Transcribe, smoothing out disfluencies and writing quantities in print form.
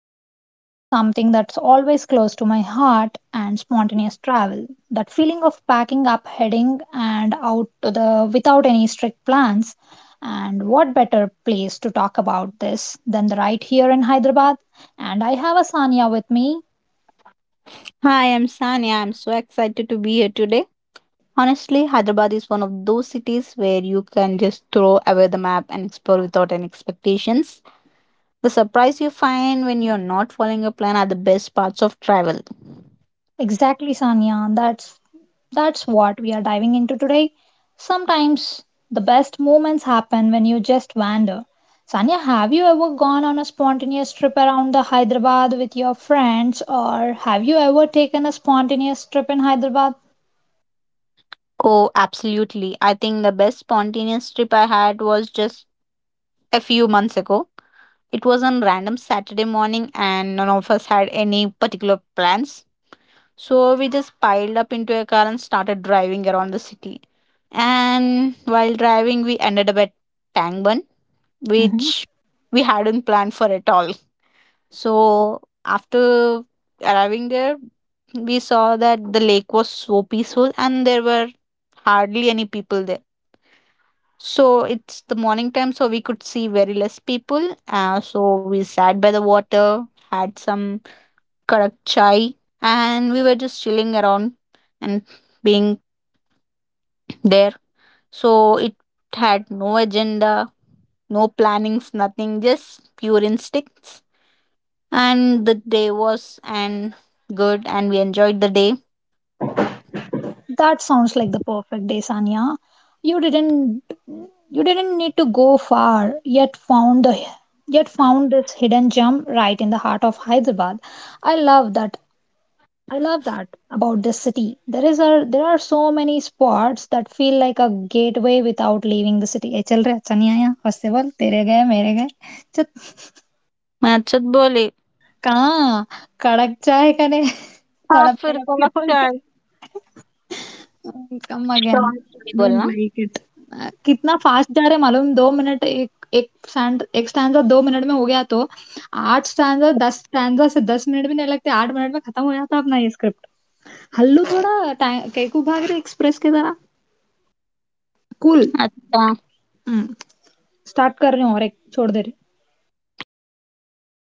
going to explore something that's always close to my heart and spontaneous travel. That feeling of packing up, heading and out to the without any strict plans. And what better place to talk about this than the right here in Hyderabad? And I have Asanya with me. Hi, I'm Sanya. I'm so excited to be here today. Honestly, Hyderabad is one of those cities where you can just throw away the map and explore without any expectations. The surprise you find when you're not following a plan are the best parts of travel. Exactly, Sanya. That's what we are diving into today. Sometimes the best moments happen when you just wander. Sanya, have you ever gone on a spontaneous trip around the Hyderabad with your friends or have you ever taken a spontaneous trip in Hyderabad? Oh, absolutely. I think the best spontaneous trip I had was just a few months ago. It was on random Saturday morning and none of us had any particular plans. So we just piled up into a car and started driving around the city. And while driving, we ended up at Tangban, Hmm. which we hadn't planned for at all. So after arriving there, we saw that the lake was so peaceful and there were hardly any people there. So it's the morning time, so we could see very less people. So we sat by the water, had some karak chai, and we were just chilling around and being there. So it had no agenda. No plannings, nothing, just pure instincts. And the day was and good, and we enjoyed the day. That sounds like the perfect day, Sanya. You didn't you didn't need to go far, yet found this hidden gem right in the heart of Hyderabad. I love that I love that about this city. There is a there are so many spots that feel like a gateway without leaving the city. ए चल रहे, अच्छा नहीं आया, festival तेरे गए मेरे गए. चुप. मैं अच्छा बोले कहाँ? कड़क चाय करे. हाँ तड़प फिर तड़प के कब बोल. चाय कम अगेन. शॉर्ट डोंट बोलना लाइक इट. कितना फास्ट जा रहे, मालूम? दो मिनट, एक एक स्टैंड, एक स्टैंड दो मिनट में हो गया तो आठ स्टैंड दस स्टैंड से दस मिनट भी नहीं लगते, आठ मिनट में खत्म हो जाता अपना ये स्क्रिप्ट. हल्लू थोड़ा. कैकू भाग रहे एक्सप्रेस की तरह? कूल. अच्छा स्टार्ट कर रहे हो और एक छोड़ दे रही.